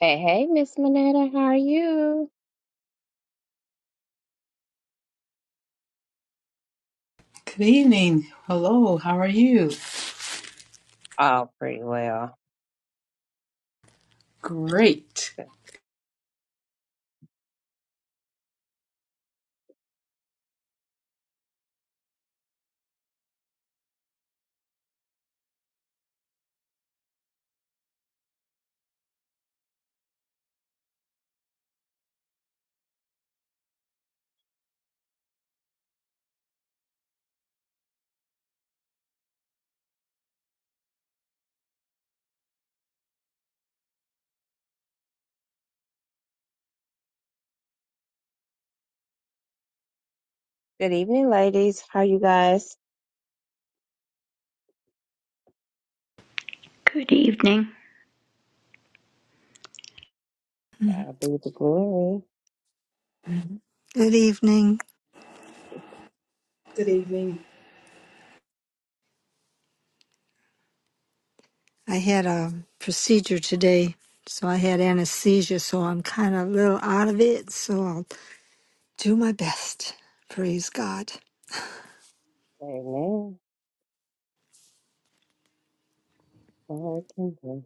Hey, hey, Miss Minetta, how are you? Good evening. Hello. How are you? Oh, pretty well. Great. Good evening, ladies. How you guys? Good evening. God be the glory. Mhm. Good evening. Good evening. I had a procedure today, so I had anesthesia, so I'm kind of a little out of it, so I'll do my best. Praise God. Amen. Lord, can do.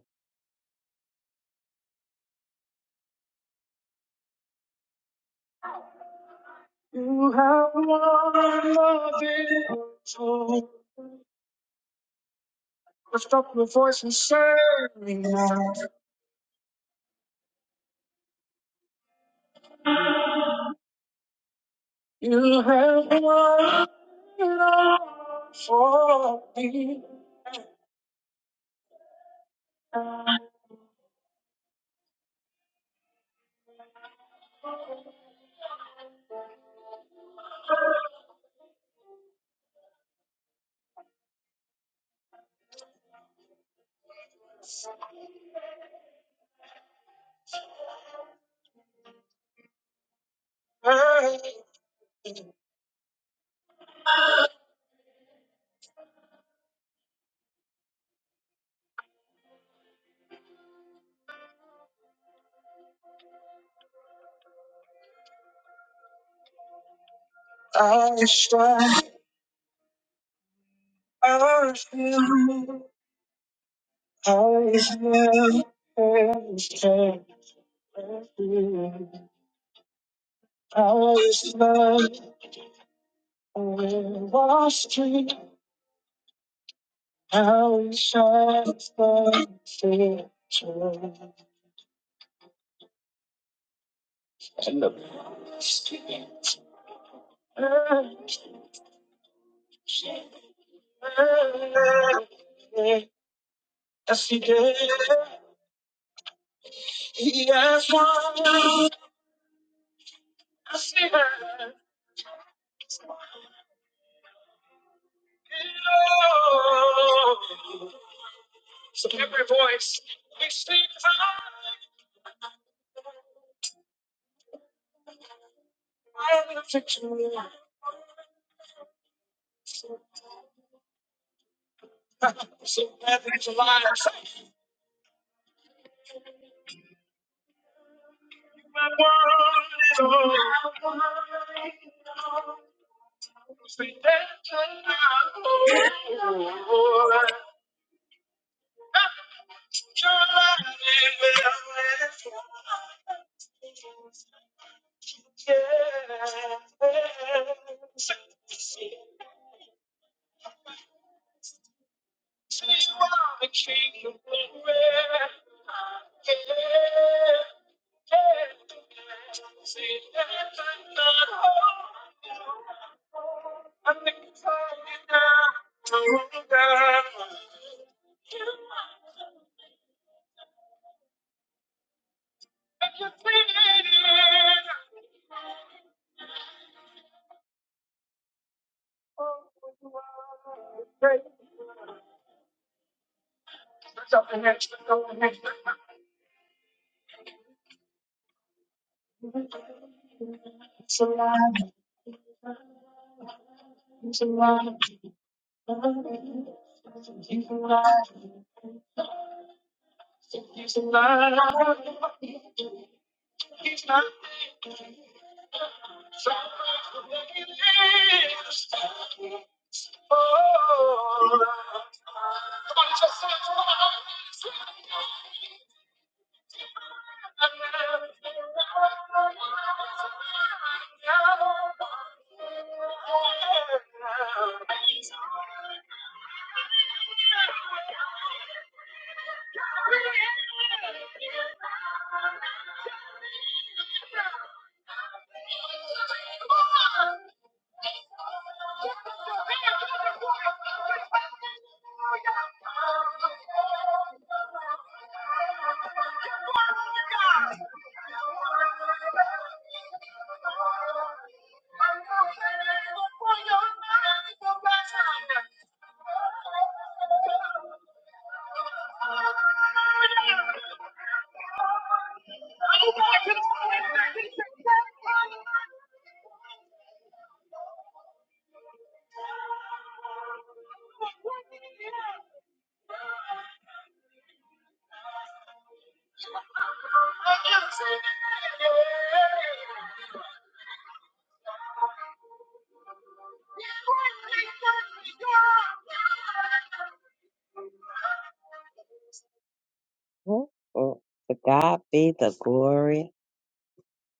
Oh, oh. To God be the glory.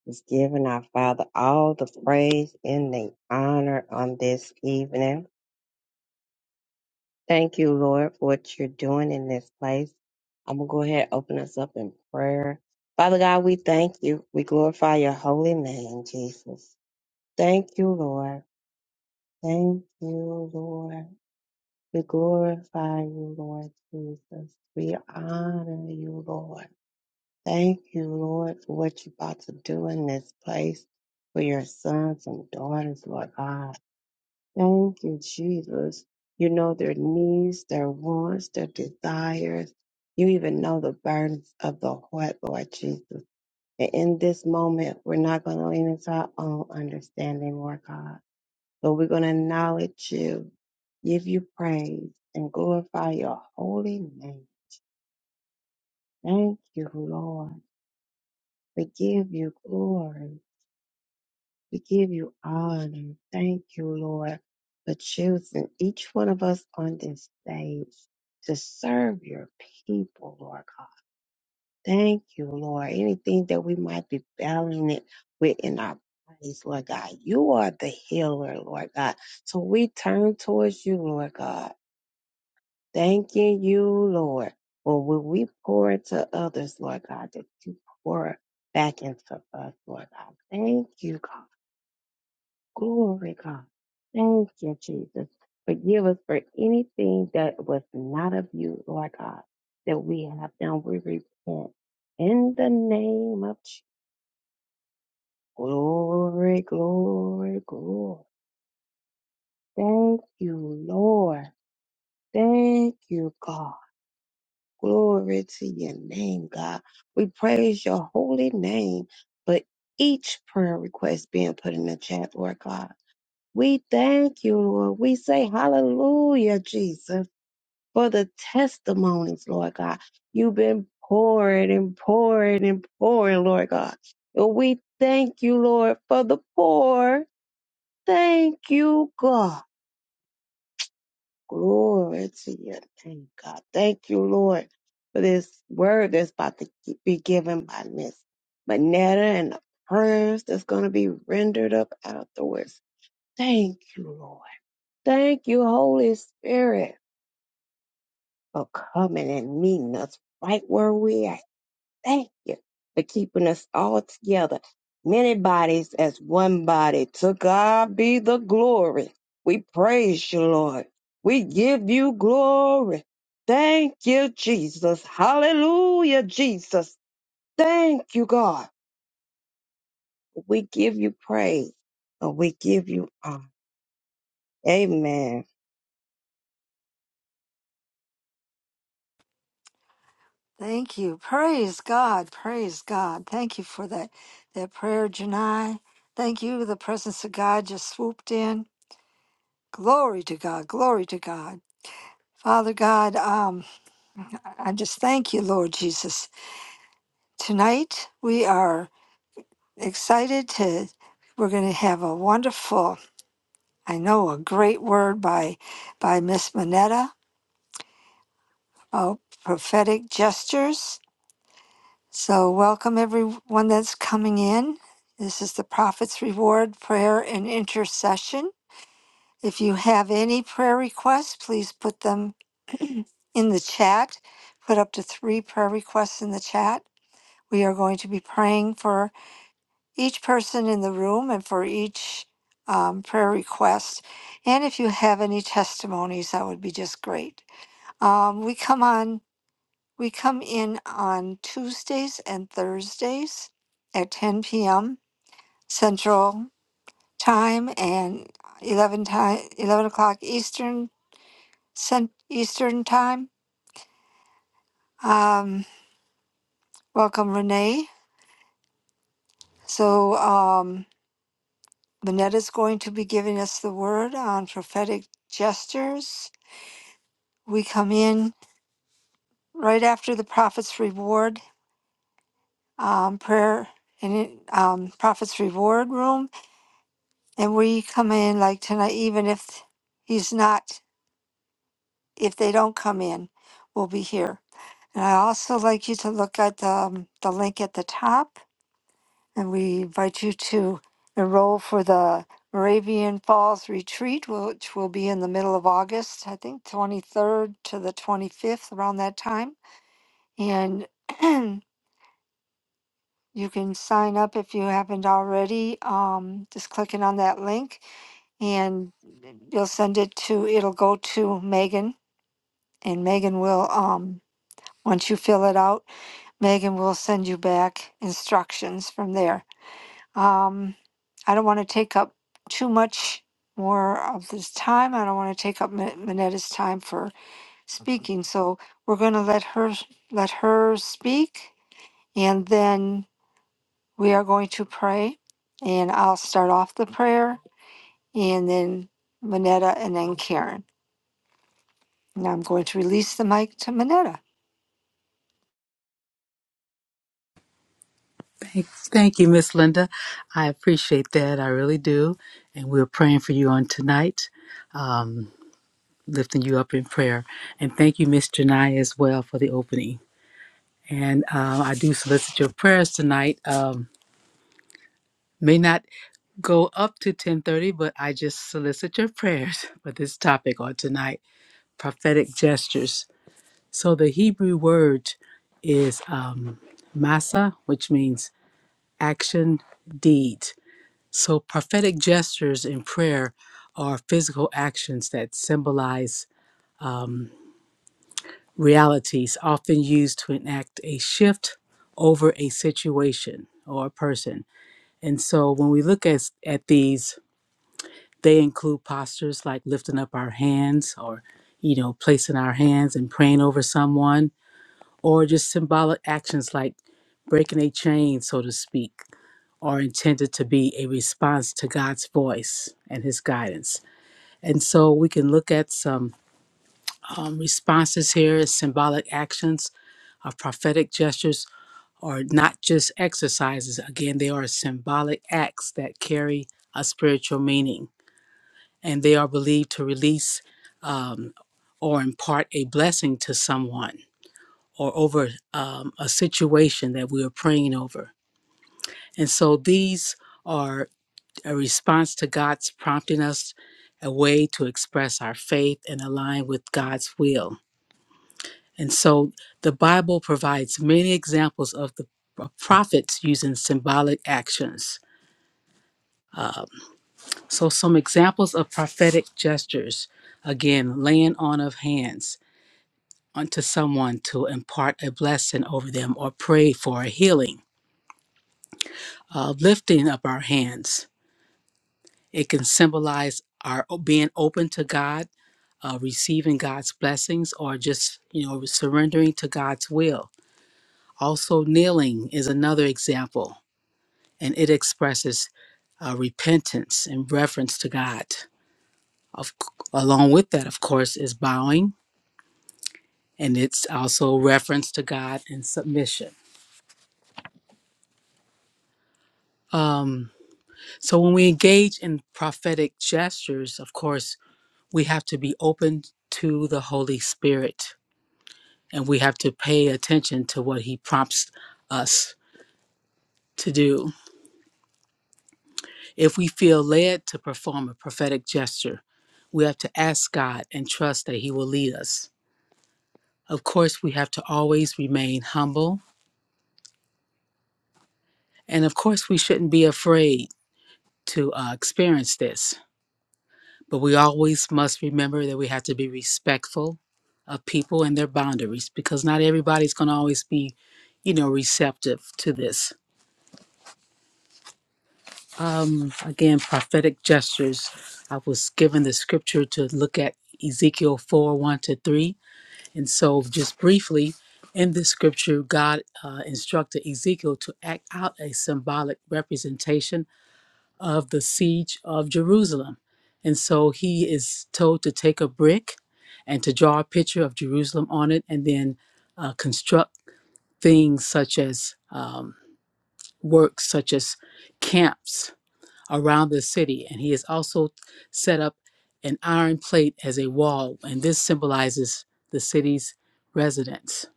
He's given our Father all the praise and the honor on this evening. Thank you, Lord, for what you're doing in this place. I'm going to go ahead and open us up in prayer. Father God, we thank you. We glorify your holy name, Jesus. Thank you, Lord. Thank you, Lord. We glorify you, Lord Jesus. We honor you, Lord. Thank you, Lord, for what you're about to do in this place for your sons and daughters, Lord God. Thank you, Jesus. You know their needs, their wants, their desires. You even know the burdens of the heart, Lord Jesus. And in this moment, we're not going to lean into our own understanding, Lord God. Lord, we're going to acknowledge you, give you praise, and glorify your holy name. Thank you, Lord. We give you glory. We give you honor. Thank you, Lord, for choosing each one of us on this stage to serve your people, Lord God. Thank you, Lord. Anything that we might be battling it with in our bodies, Lord God, you are the healer, Lord God. So we turn towards you, Lord God Thanking you, Lord, for when we pour into others, Lord God, that you pour back into us, Lord God. Thank you, God. Glory, God. Thank you, Jesus. Forgive us for anything that was not of you, Lord God, that we have done. We repent in the name of Jesus. Glory, glory, glory. Thank you, Lord. Thank you, God. Glory to your name, God. We praise your holy name for each prayer request being put in the chat, Lord God. We thank you, Lord. We say hallelujah, Jesus, for the testimonies, Lord God. You've been pouring and pouring and pouring, Lord God. And we thank you, Lord, for the poor. Thank you, God. Glory to your name, God. Thank you, Lord, for this word that's about to gi- be given by Miss Manetta and the prayers that's going to be rendered up afterwards. Thank you, Lord. Thank you, Holy Spirit, for coming and meeting us right where we at. Thank you for keeping us all together. Many bodies as one body. To God be the glory. We praise you, Lord. We give you glory. Thank you, Jesus. Hallelujah, Jesus. Thank you, God. We give you praise and we give you honor. Amen. Thank you. Praise God. Praise God. Thank you for that, that prayer, Janai. Thank you. The presence of God just swooped in. Glory to God. Glory to God. Father God, um, I I just thank you, Lord Jesus. Tonight we are. excited to we're going to have a wonderful i know a great word by by miss manetta about prophetic gestures so welcome everyone that's coming in this is the prophet's reward prayer and intercession if you have any prayer requests please put them in the chat put up to three prayer requests in the chat we are going to be praying for each person in the room and for each um, prayer request. And if you have any testimonies, that would be just great. Um, we come on, we come in on Tuesdays and Thursdays at 10 p.m. Central Time and 11 time, 11 o'clock Eastern Cent- Eastern Time. Um, welcome, Renee. So um, Manette is going to be giving us the word on prophetic gestures we come in right after the prophet's reward um, prayer and it, um, prophet's reward room and we come in like tonight even if he's not if they don't come in we'll be here and i also like you to look at the, um, the link at the top and we invite you to enroll for the moravian falls retreat which will be in the middle of august i think 23rd to the 25th around that time and You can sign up if you haven't already, um, just clicking on that link and you'll send it to, it'll go to Megan and Megan will, um, once you fill it out, Megan will send you back instructions from there. Um, I don't want to take up too much more of this time. I don't want to take up Min- Minetta's time for speaking, so we're going to let her let her speak, and then We are going to pray, and I'll start off the prayer, and then Manetta, and then Karen. And I'm going to release the mic to Manetta. Thank, thank you, Miss Linda. I appreciate that. I really do. And we're praying for you on tonight, um, lifting you up in prayer. And thank you, Miss Janai, as well for the opening. And uh, I do solicit your prayers tonight. Um, may not go up to 10:30, but I just solicit your prayers for this topic on tonight: prophetic gestures. So the Hebrew word is um, masa, which means action, deed. So prophetic gestures in prayer are physical actions that symbolize realities often used to enact a shift over a situation or a person. And so when we look at, at these, they include postures like lifting up our hands or, you know, placing our hands and praying over someone or just symbolic actions like breaking a chain, so to speak, are intended to be a response to God's voice and His guidance. And so we can look at some um, responses here symbolic actions of prophetic gestures are not just exercises. Again, they are symbolic acts that carry a spiritual meaning, and they are believed to release um, or impart a blessing to someone. or over um, a situation that we are praying over. And so these are a response to God's prompting us a way to express our faith and align with God's will. And so the Bible provides many examples of the of prophets using symbolic actions. So some examples of prophetic gestures again, laying on of hands unto someone to impart a blessing over them or pray for a healing uh, lifting up our hands. It can symbolize our o- being open to God, uh, receiving God's blessings, or just you know surrendering to God's will. Also, kneeling is another example, and it expresses uh, repentance and reverence to God. Of, c- along with that, of course, is bowing, and it's also reference to God and submission. Um, so when we engage in prophetic gestures, of course, we have to be open to the Holy Spirit and we have to pay attention to what He prompts us to do. If we feel led to perform a prophetic gesture, we have to ask God and trust that He will lead us. Of course, we have to always remain humble. And of course, we shouldn't be afraid to uh, experience this But we always must remember that we have to be respectful of people and their boundaries because not everybody's going to always be, you know, receptive to this. Um, again, prophetic gestures. I was given the scripture to look at Ezekiel 4 1 to 3. And so, just briefly, in this scripture, God uh, instructed Ezekiel to act out a symbolic representation of the siege of Jerusalem. And so he is told to take a brick and to draw a picture of Jerusalem on it and then uh, construct things such as um, works, such as camps around the city. And he has also set up an iron plate as a wall, and this symbolizes the city's residents.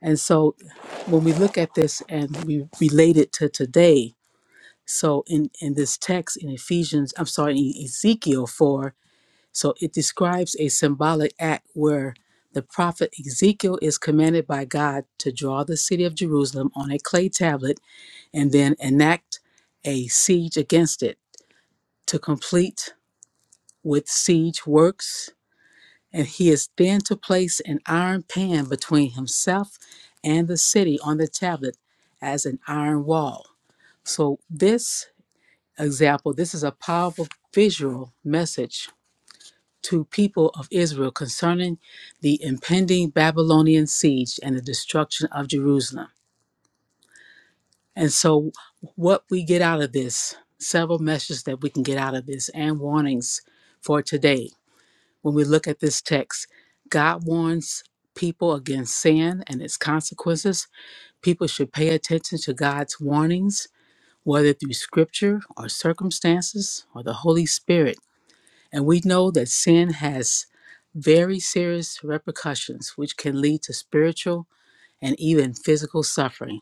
And so when we look at this and we relate it to today, So in, in this text in Ephesians, I'm sorry, in Ezekiel 4, so it describes a symbolic act where the prophet Ezekiel is commanded by God to draw the city of Jerusalem on a clay tablet and then enact a siege against it to complete with siege works. And he is then to place an iron pan between himself and the city on the tablet as an iron wall. So this example, this is a powerful visual message to people of Israel concerning the impending Babylonian siege and the destruction of Jerusalem. And so what we get out of this, several messages that we can get out of this and warnings for today. When we look at this text, God warns people against sin and its consequences. People should pay attention to God's warnings, whether through scripture or circumstances or the Holy Spirit And we know that sin has very serious repercussions, which can lead to spiritual and even physical suffering.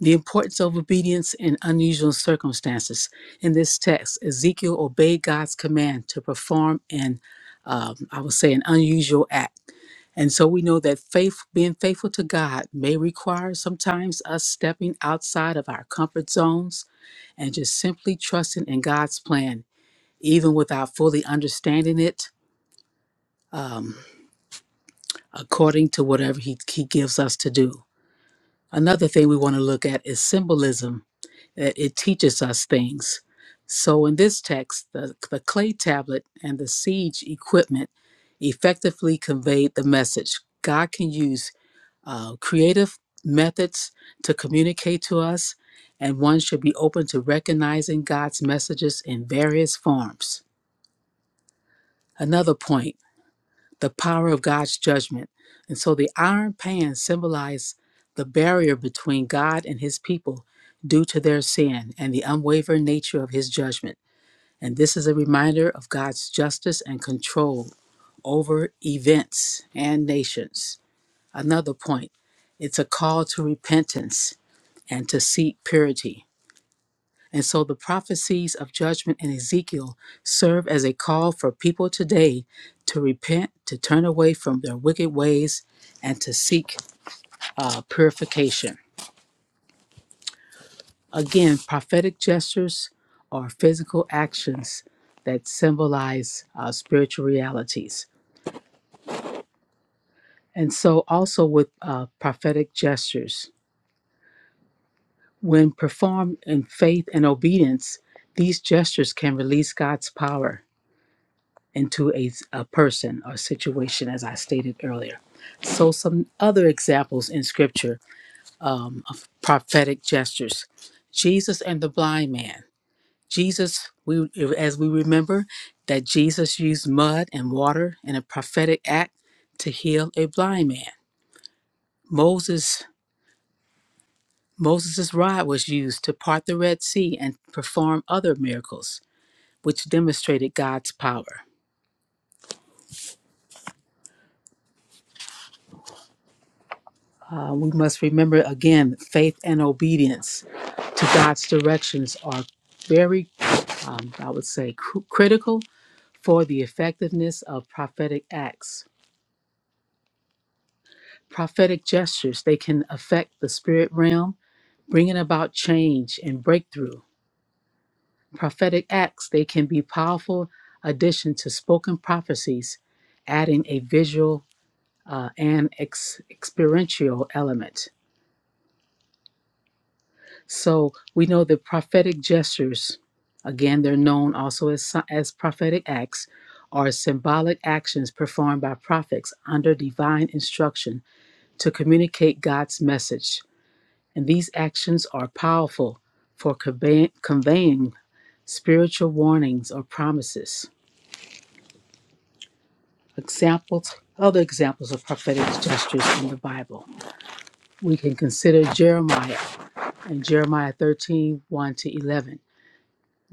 The importance of obedience in unusual circumstances. In this text, Ezekiel obeyed God's command to perform an, um, I would say, an unusual act. And so we know that faith, being faithful to God, may require sometimes us stepping outside of our comfort zones and just simply trusting in God's plan, even without fully understanding it um, according to whatever he, he gives us to do. Another thing we want to look at is symbolism. It, it teaches us things. So in this text, the, the clay tablet and the siege equipment effectively conveyed the message God can use uh, creative methods to communicate to us, and one should be open to recognizing God's messages in various forms. Another point. the power of God's judgment. And so the iron pan symbolized the barrier between God and his people due to their sin and the unwavering nature of his judgment. And this is a reminder of God's justice and control over events and nations. Another point it's a call to repentance and to seek purity. And so the prophecies of judgment in Ezekiel serve as a call for people today to repent, to turn away from their wicked ways, and to seek uh, purification. Again, prophetic gestures are physical actions that symbolize uh, spiritual realities. And so, also with uh, prophetic gestures, when performed in faith and obedience, these gestures can release God's power into a, a person or situation, as I stated earlier. So, some other examples in scripture um, of prophetic gestures Jesus and the blind man. Jesus, we, as we remember, that Jesus used mud and water in a prophetic act to heal a blind man. Moses, Moses' rod was used to part the Red Sea and perform other miracles, which demonstrated God's power. Uh, we must remember again faith and obedience to God's directions are very, um, I would say, cr- critical for the effectiveness of prophetic acts. Prophetic gestures, they can affect the spirit realm, bringing about change and breakthrough. Prophetic acts, they can be powerful addition to spoken prophecies, adding a visual uh, and ex- experiential element. So we know that prophetic gestures, again, they're known also as, si- as prophetic acts, are symbolic actions performed by prophets under divine instruction to communicate God's message. And these actions are powerful for convey- conveying spiritual warnings or promises. Examples, other examples of prophetic gestures in the Bible. We can consider Jeremiah and Jeremiah thirteen one to 11.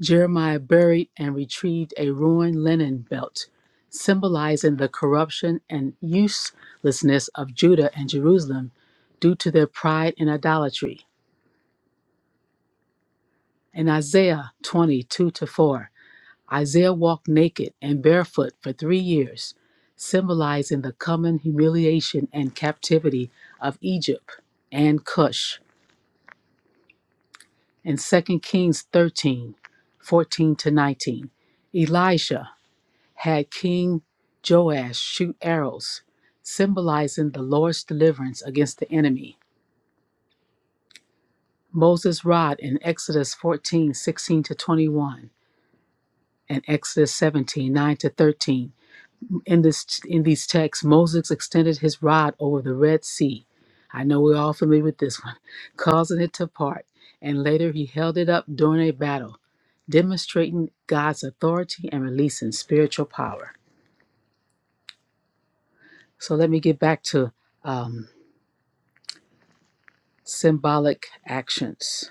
Jeremiah buried and retrieved a ruined linen belt, symbolizing the corruption and uselessness of Judah and Jerusalem due to their pride and idolatry. In Isaiah 22 to 4, Isaiah walked naked and barefoot for three years, symbolizing the coming humiliation and captivity of Egypt and Cush. In Second Kings 13, 14 to 19, Elisha had King Joash shoot arrows, symbolizing the Lord's deliverance against the enemy. Moses' rod in Exodus 14 16 to 21, and Exodus 17 9 to 13. In, this, in these texts, Moses extended his rod over the Red Sea. I know we're all familiar with this one, causing it to part, and later he held it up during a battle, demonstrating God's authority and releasing spiritual power. So let me get back to um, symbolic actions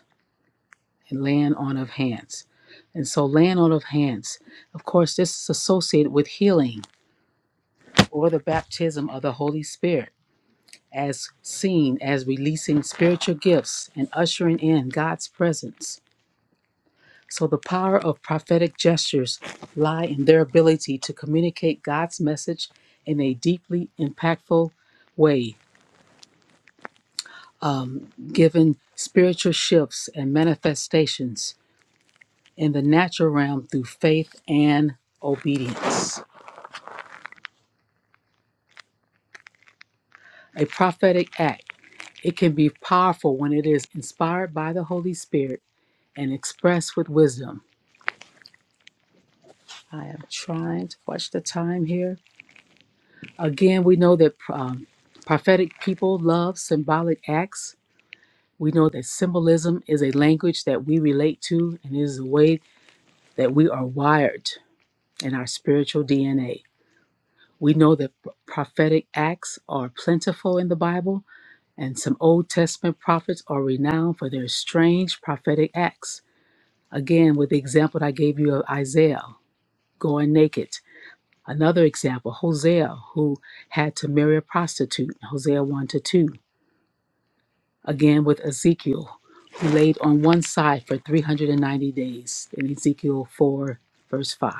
and laying on of hands. And so, laying on of hands, of course, this is associated with healing or the baptism of the Holy Spirit, as seen as releasing spiritual gifts and ushering in God's presence. So, the power of prophetic gestures lie in their ability to communicate God's message in a deeply impactful way, um, given spiritual shifts and manifestations in the natural realm through faith and obedience. A prophetic act. It can be powerful when it is inspired by the Holy Spirit and expressed with wisdom. I am trying to watch the time here. Again, we know that um, prophetic people love symbolic acts. We know that symbolism is a language that we relate to and is a way that we are wired in our spiritual DNA. We know that prophetic acts are plentiful in the Bible And some Old Testament prophets are renowned for their strange prophetic acts. Again, with the example that I gave you of Isaiah going naked. Another example, Hosea, who had to marry a prostitute, Hosea 1 to 2. Again, with Ezekiel, who laid on one side for 390 days in Ezekiel 4, verse 5.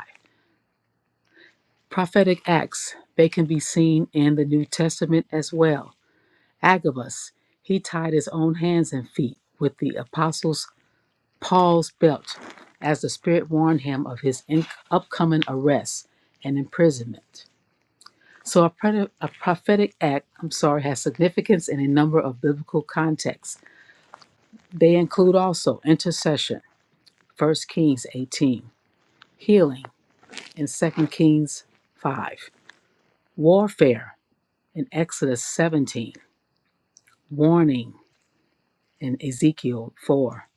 Prophetic acts, they can be seen in the New Testament as well. Agabus, he tied his own hands and feet with the apostles' Paul's belt as the Spirit warned him of his in- upcoming arrest and imprisonment. So, a, pred- a prophetic act, I'm sorry, has significance in a number of biblical contexts. They include also intercession, First Kings 18, healing in Second Kings 5, warfare in Exodus 17, warning in Ezekiel 4,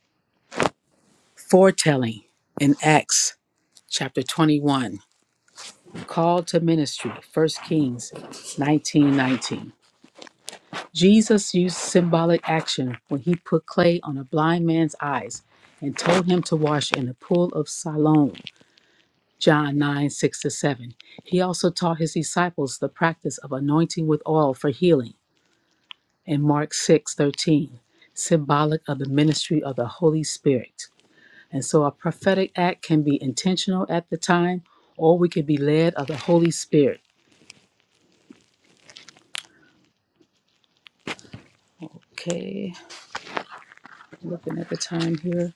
foretelling in Acts chapter 21, Call to ministry, 1 Kings 19 19. Jesus used symbolic action when he put clay on a blind man's eyes and told him to wash in the pool of Siloam, John 9 6 to 7. He also taught his disciples the practice of anointing with oil for healing in Mark 6 13, symbolic of the ministry of the Holy Spirit. And so a prophetic act can be intentional at the time, or we could be led of the Holy Spirit. Okay. Looking at the time here.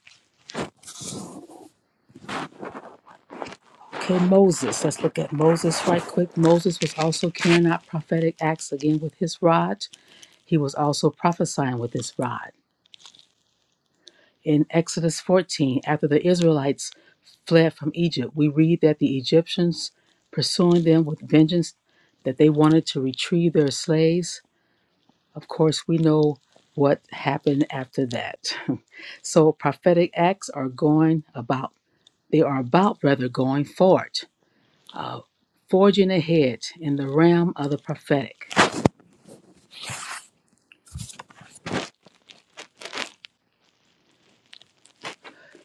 Okay, Moses. Let's look at Moses right quick. Moses was also carrying out prophetic acts again with his rod. He was also prophesying with his rod. In Exodus 14, after the Israelites fled from Egypt, we read that the Egyptians, pursuing them with vengeance, that they wanted to retrieve their slaves. Of course, we know what happened after that. so prophetic acts are going about. They are about rather going forward. of forging ahead in the realm of the prophetic.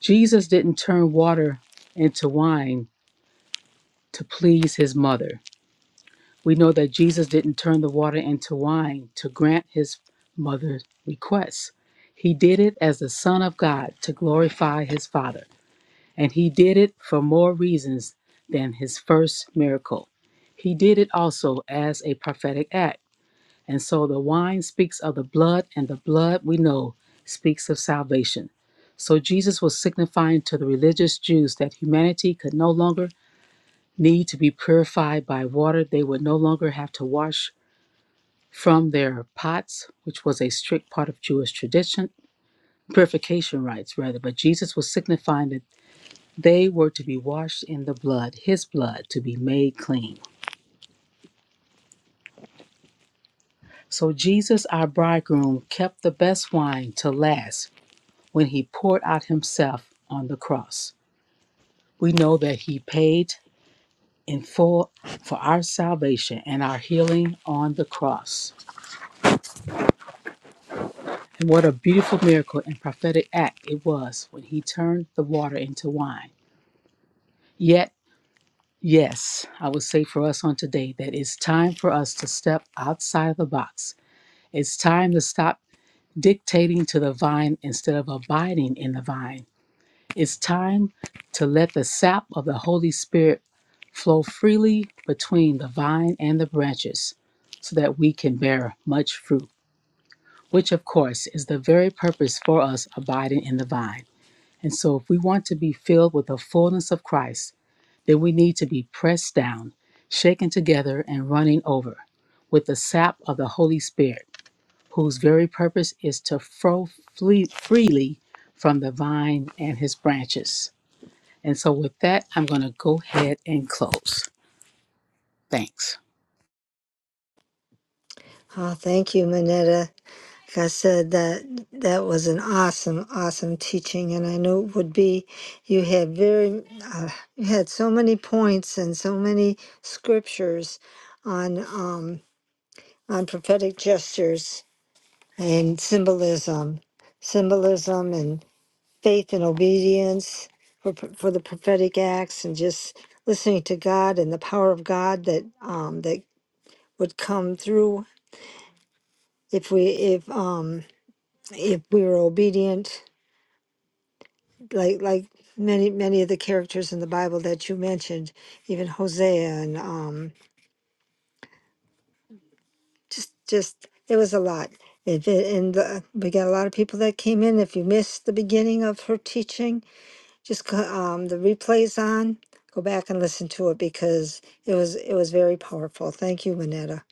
Jesus didn't turn water into wine to please his mother. We know that Jesus didn't turn the water into wine to grant his mother's requests. He did it as the Son of God to glorify his Father. And he did it for more reasons than his first miracle. He did it also as a prophetic act And so the wine speaks of the blood, and the blood we know speaks of salvation. So Jesus was signifying to the religious Jews that humanity could no longer need to be purified by water. They would no longer have to wash from their pots, which was a strict part of Jewish tradition, purification rites rather. But Jesus was signifying that they were to be washed in the blood, his blood, to be made clean. So Jesus, our bridegroom, kept the best wine to last when he poured out himself on the cross. We know that he paid in full for our salvation and our healing on the cross. And what a beautiful miracle and prophetic act it was when he turned the water into wine. Yet, yes, I would say for us on today that it's time for us to step outside of the box. It's time to stop dictating to the vine instead of abiding in the vine It's time to let the sap of the Holy Spirit flow freely between the vine and the branches so that we can bear much fruit, which of course is the very purpose for us abiding in the vine. And so, if we want to be filled with the fullness of Christ, then we need to be pressed down, shaken together, and running over with the sap of the Holy Spirit, whose very purpose is to flow fle- freely from the vine and his branches. And so, with that, I'm going to go ahead and close. Thanks. Oh, thank you, Manetta. Like I said, that that was an awesome, awesome teaching, and I knew it would be. You had very, uh, you had so many points and so many scriptures on um, on prophetic gestures and symbolism, symbolism, and. faith and obedience for pro- for the prophetic acts and just listening to God and the power of God that um that would come through if we if um if we were obedient like like many many of the characters in the Bible that you mentioned even Hosea and um just just it was a lot if it, and the, we got a lot of people that came in if you missed the beginning of her teaching just go- um, the replays on. Go back and listen to it because it was it was very powerful. Thank you, Manetta.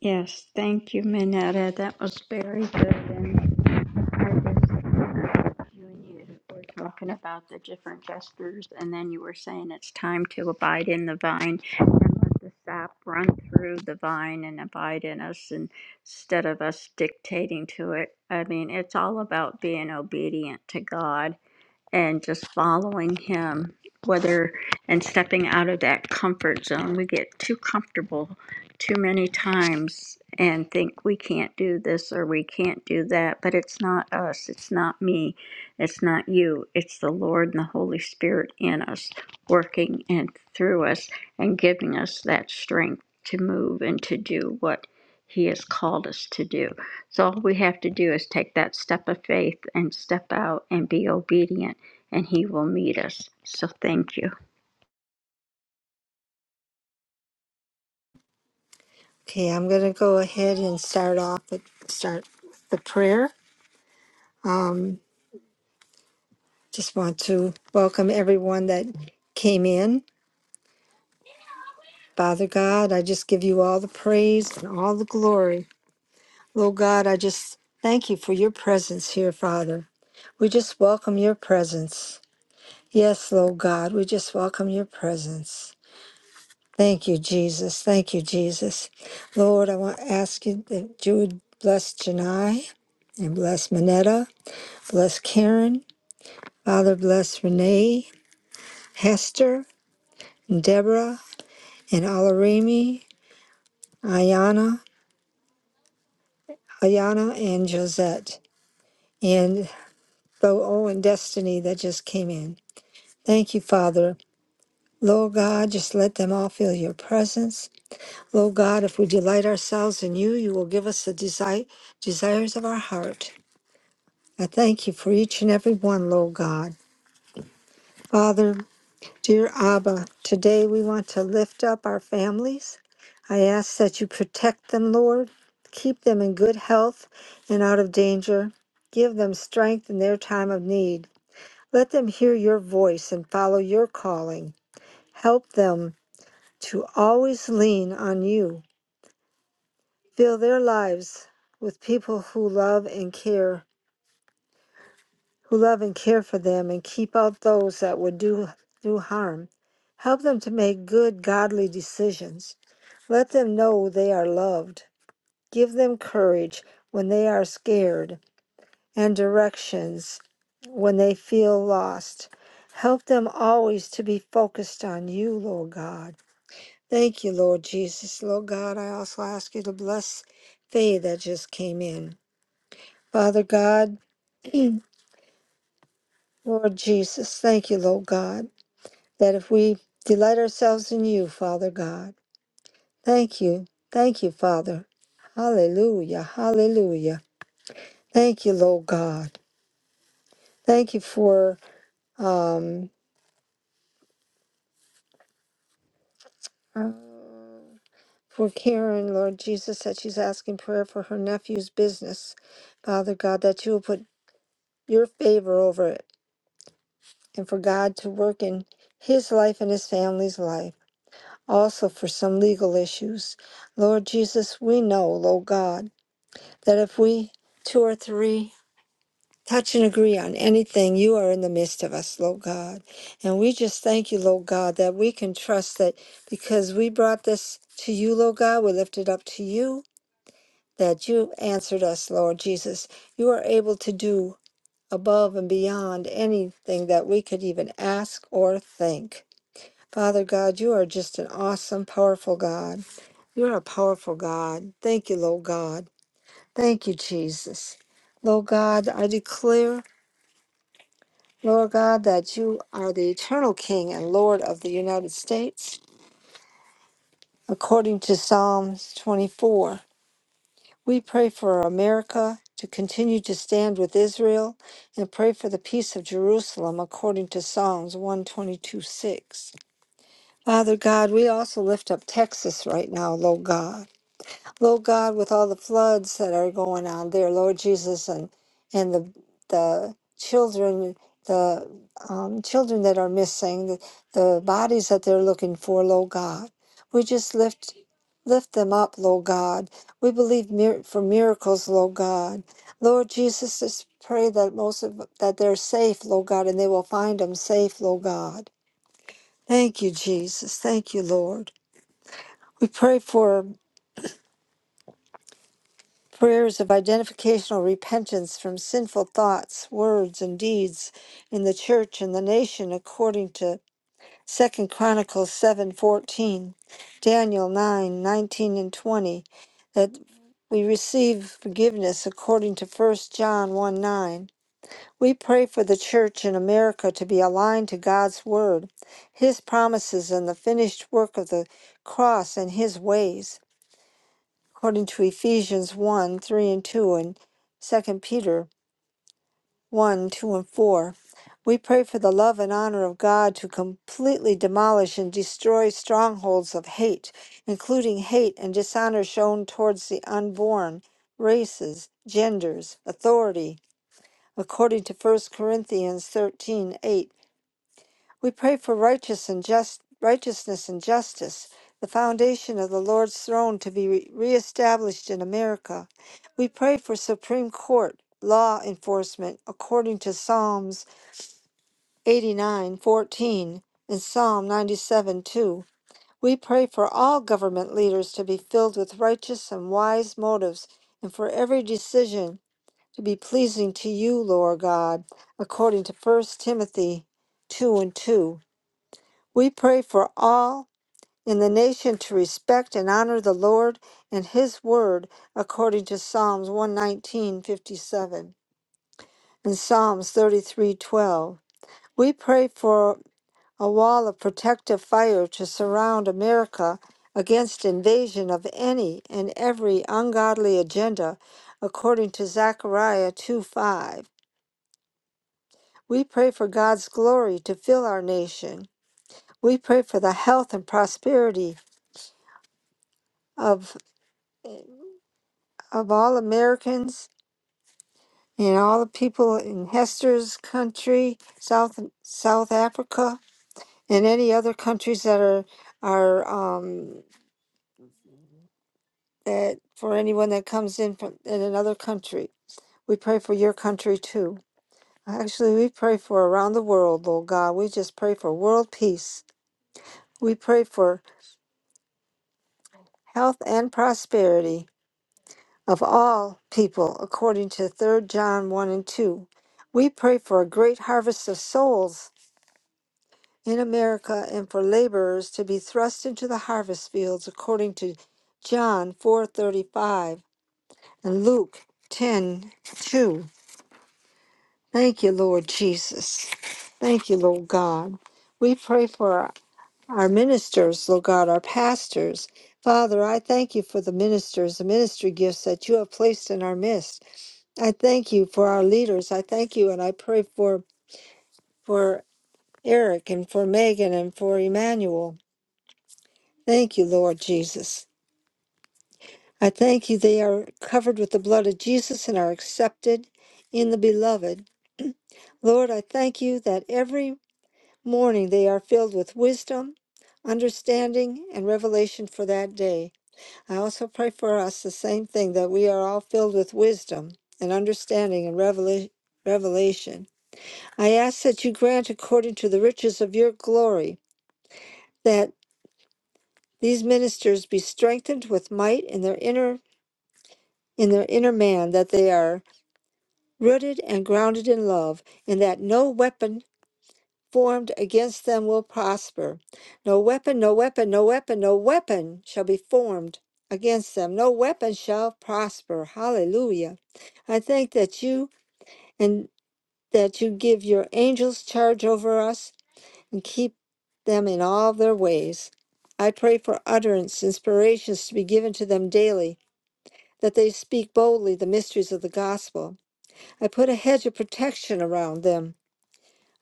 Yes, thank you, Minetta. That was very good. And I was, you and you were talking about the different gestures, and then you were saying it's time to abide in the vine and let the sap run through the vine and abide in us and- instead of us dictating to it. I mean, it's all about being obedient to God and just following him whether and stepping out of that comfort zone we get too comfortable too many times and think we can't do this or we can't do that but it's not us it's not me it's not you it's the lord and the holy spirit in us working and through us and giving us that strength to move and to do what he has called us to do so all we have to do is take that step of faith and step out and be obedient and he will meet us. So thank you. Okay, I'm gonna go ahead and start off with start the prayer. Um, just want to welcome everyone that came in. Father God, I just give you all the praise and all the glory. Lord God, I just thank you for your presence here, Father. We just welcome your presence. Yes, Lord God, we just welcome your presence. Thank you, Jesus. Thank you, Jesus. Lord, I want to ask you that you would bless Janai and bless Manetta, bless Karen, Father, bless Renee, Hester, and Deborah, and Alarimi, Ayana, Ayana, and Josette, and Bo O and Destiny that just came in. Thank you, Father. Lord God, just let them all feel your presence. Lord God, if we delight ourselves in you, you will give us the desire, desires of our heart. I thank you for each and every one, Lord God. Father, dear Abba, today we want to lift up our families. I ask that you protect them, Lord. Keep them in good health and out of danger. Give them strength in their time of need. Let them hear your voice and follow your calling. Help them to always lean on you. Fill their lives with people who love and care who love and care for them and keep out those that would do, do harm. Help them to make good, godly decisions. Let them know they are loved. Give them courage when they are scared and directions when they feel lost. Help them always to be focused on you, Lord God. Thank you, Lord Jesus. Lord God, I also ask you to bless Faye that just came in. Father God, Lord Jesus, thank you, Lord God. that if we delight ourselves in you, Father God, thank you. Thank you, Father. Hallelujah. Hallelujah. Thank you, Lord God. Thank you for um uh, for Karen, Lord Jesus, that she's asking prayer for her nephew's business. Father God, that you will put your favor over it and for God to work in his life and his family's life. Also for some legal issues. Lord Jesus, we know, Lord God. that if we two or three touch and agree on anything, you are in the midst of us, Lord God. And we just thank you, Lord God, that we can trust that because we brought this to you, Lord God, we lift it up to you, that you answered us, Lord Jesus. You are able to do above and beyond anything that we could even ask or think. Father God, you are just an awesome, powerful God. You are a powerful God. Thank you, Lord God. Thank you, Jesus. Lord God, I declare, Lord God, that you are the eternal King and Lord of the United States, according to Psalms 24. We pray for America to continue to stand with Israel and pray for the peace of Jerusalem, according to Psalms 122 6. Father God, we also lift up Texas right now, Lord God. Lord God, with all the floods that are going on there, Lord Jesus, and and the the children, the um, children that are missing, the, the bodies that they're looking for, Lord God, we just lift lift them up, Lord God. We believe mir- for miracles, Lord God. Lord Jesus, just pray that most of that they're safe, Lord God, and they will find them safe, Lord God. Thank you, Jesus. Thank you, Lord. We pray for. Prayers of identificational repentance from sinful thoughts, words, and deeds in the church and the nation according to Second Chronicles 7:14, Daniel 9 19 and 20, that we receive forgiveness according to First John 1, 9. We pray for the church in America to be aligned to God's word, his promises and the finished work of the cross and his ways according to Ephesians 1 3 and 2 and Second Peter 1 2 and 4. We pray for the love and honor of God to completely demolish and destroy strongholds of hate, including hate and dishonor shown towards the unborn, races, genders, authority, according to First Corinthians thirteen eight. We pray for righteous and just, righteousness and justice, the foundation of the Lord's throne to be re- reestablished in America. We pray for Supreme Court law enforcement according to Psalms 89:14 and Psalm 97:2. We pray for all government leaders to be filled with righteous and wise motives and for every decision to be pleasing to you, Lord God, according to First Timothy 2 and 2. We pray for all in the nation to respect and honor the Lord and His word according to Psalms 119:57 and Psalms 33:12. We pray for a wall of protective fire to surround America against invasion of any and every ungodly agenda according to Zechariah 2:5. We pray for God's glory to fill our nation. We pray for the health and prosperity of of all Americans and all the people in Hester's country, South South Africa, and any other countries that are are um, that for anyone that comes in from in another country. We pray for your country too. Actually, we pray for around the world, Lord God. We just pray for world peace. We pray for health and prosperity of all people, according to Third John 1 and 2. We pray for a great harvest of souls in America and for laborers to be thrust into the harvest fields according to John 4:35 and Luke 10:2. Thank you, Lord Jesus. Thank you, Lord God. We pray for our, our ministers, Lord God, our pastors. Father, I thank you for the ministers, the ministry gifts that you have placed in our midst. I thank you for our leaders. I thank you and I pray for for Eric and for Megan and for Emmanuel. Thank you, Lord Jesus. I thank you they are covered with the blood of Jesus and are accepted in the beloved. Lord, I thank you that every morning they are filled with wisdom, understanding, and revelation for that day. I also pray for us the same thing that we are all filled with wisdom and understanding and revelation. Revelation. I ask that you grant, according to the riches of your glory, that these ministers be strengthened with might in their inner in their inner man that they are rooted and grounded in love, and that no weapon formed against them will prosper. No weapon, no weapon, no weapon, no weapon shall be formed against them. No weapon shall prosper. Hallelujah. I thank that you and that you give your angels charge over us and keep them in all their ways. I pray for utterance, inspirations to be given to them daily, that they speak boldly the mysteries of the gospel I put a hedge of protection around them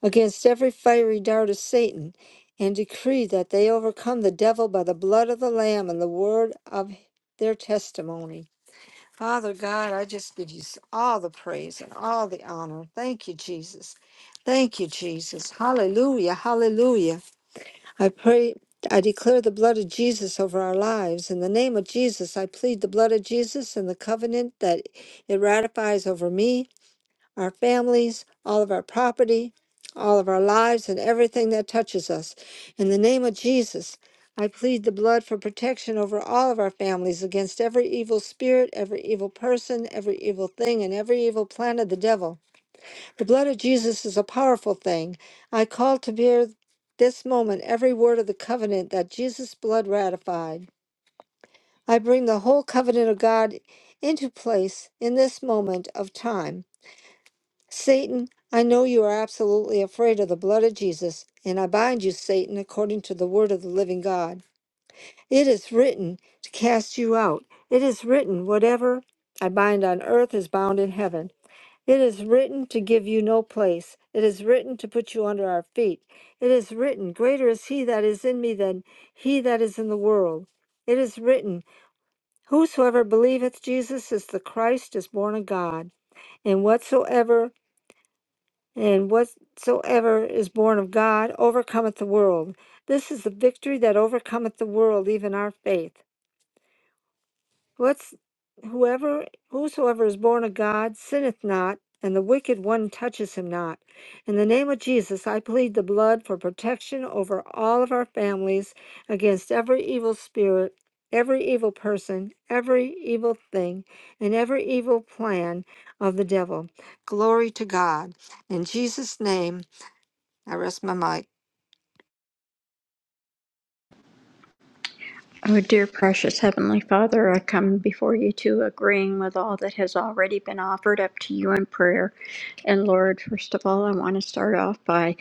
against every fiery dart of Satan, and decree that they overcome the devil by the blood of the Lamb and the word of their testimony. Father God, I just give you s- all the praise and all the honor. Thank you, Jesus. Thank you, Jesus. Hallelujah. Hallelujah. I pray. I declare the blood of Jesus over our lives. In the name of Jesus, I plead the blood of Jesus and the covenant that it ratifies over me our families, all of our property, all of our lives, and everything that touches us. In the name of Jesus, I plead the blood for protection over all of our families against every evil spirit, every evil person, every evil thing, and every evil plan of the devil. The blood of Jesus is a powerful thing. I call to bear this moment every word of the covenant that Jesus' blood ratified. I bring the whole covenant of God into place in this moment of time. Satan, I know you are absolutely afraid of the blood of Jesus, and I bind you, Satan, according to the word of the living God. It is written to cast you out. It is written, whatever I bind on earth is bound in heaven. It is written to give you no place. It is written to put you under our feet. It is written, Greater is he that is in me than he that is in the world. It is written, Whosoever believeth Jesus is the Christ is born of God. And whatsoever and whatsoever is born of God overcometh the world. This is the victory that overcometh the world, even our faith. What's, whoever, whosoever is born of God sinneth not, and the wicked one touches him not. In the name of Jesus, I plead the blood for protection over all of our families against every evil spirit, every evil person, every evil thing, and every evil plan of the devil. Glory to God. In Jesus' name. I rest my mic. Oh, dear precious Heavenly Father, I come before you too, agreeing with all that has already been offered up to you in prayer. And Lord, first of all, I want to start off by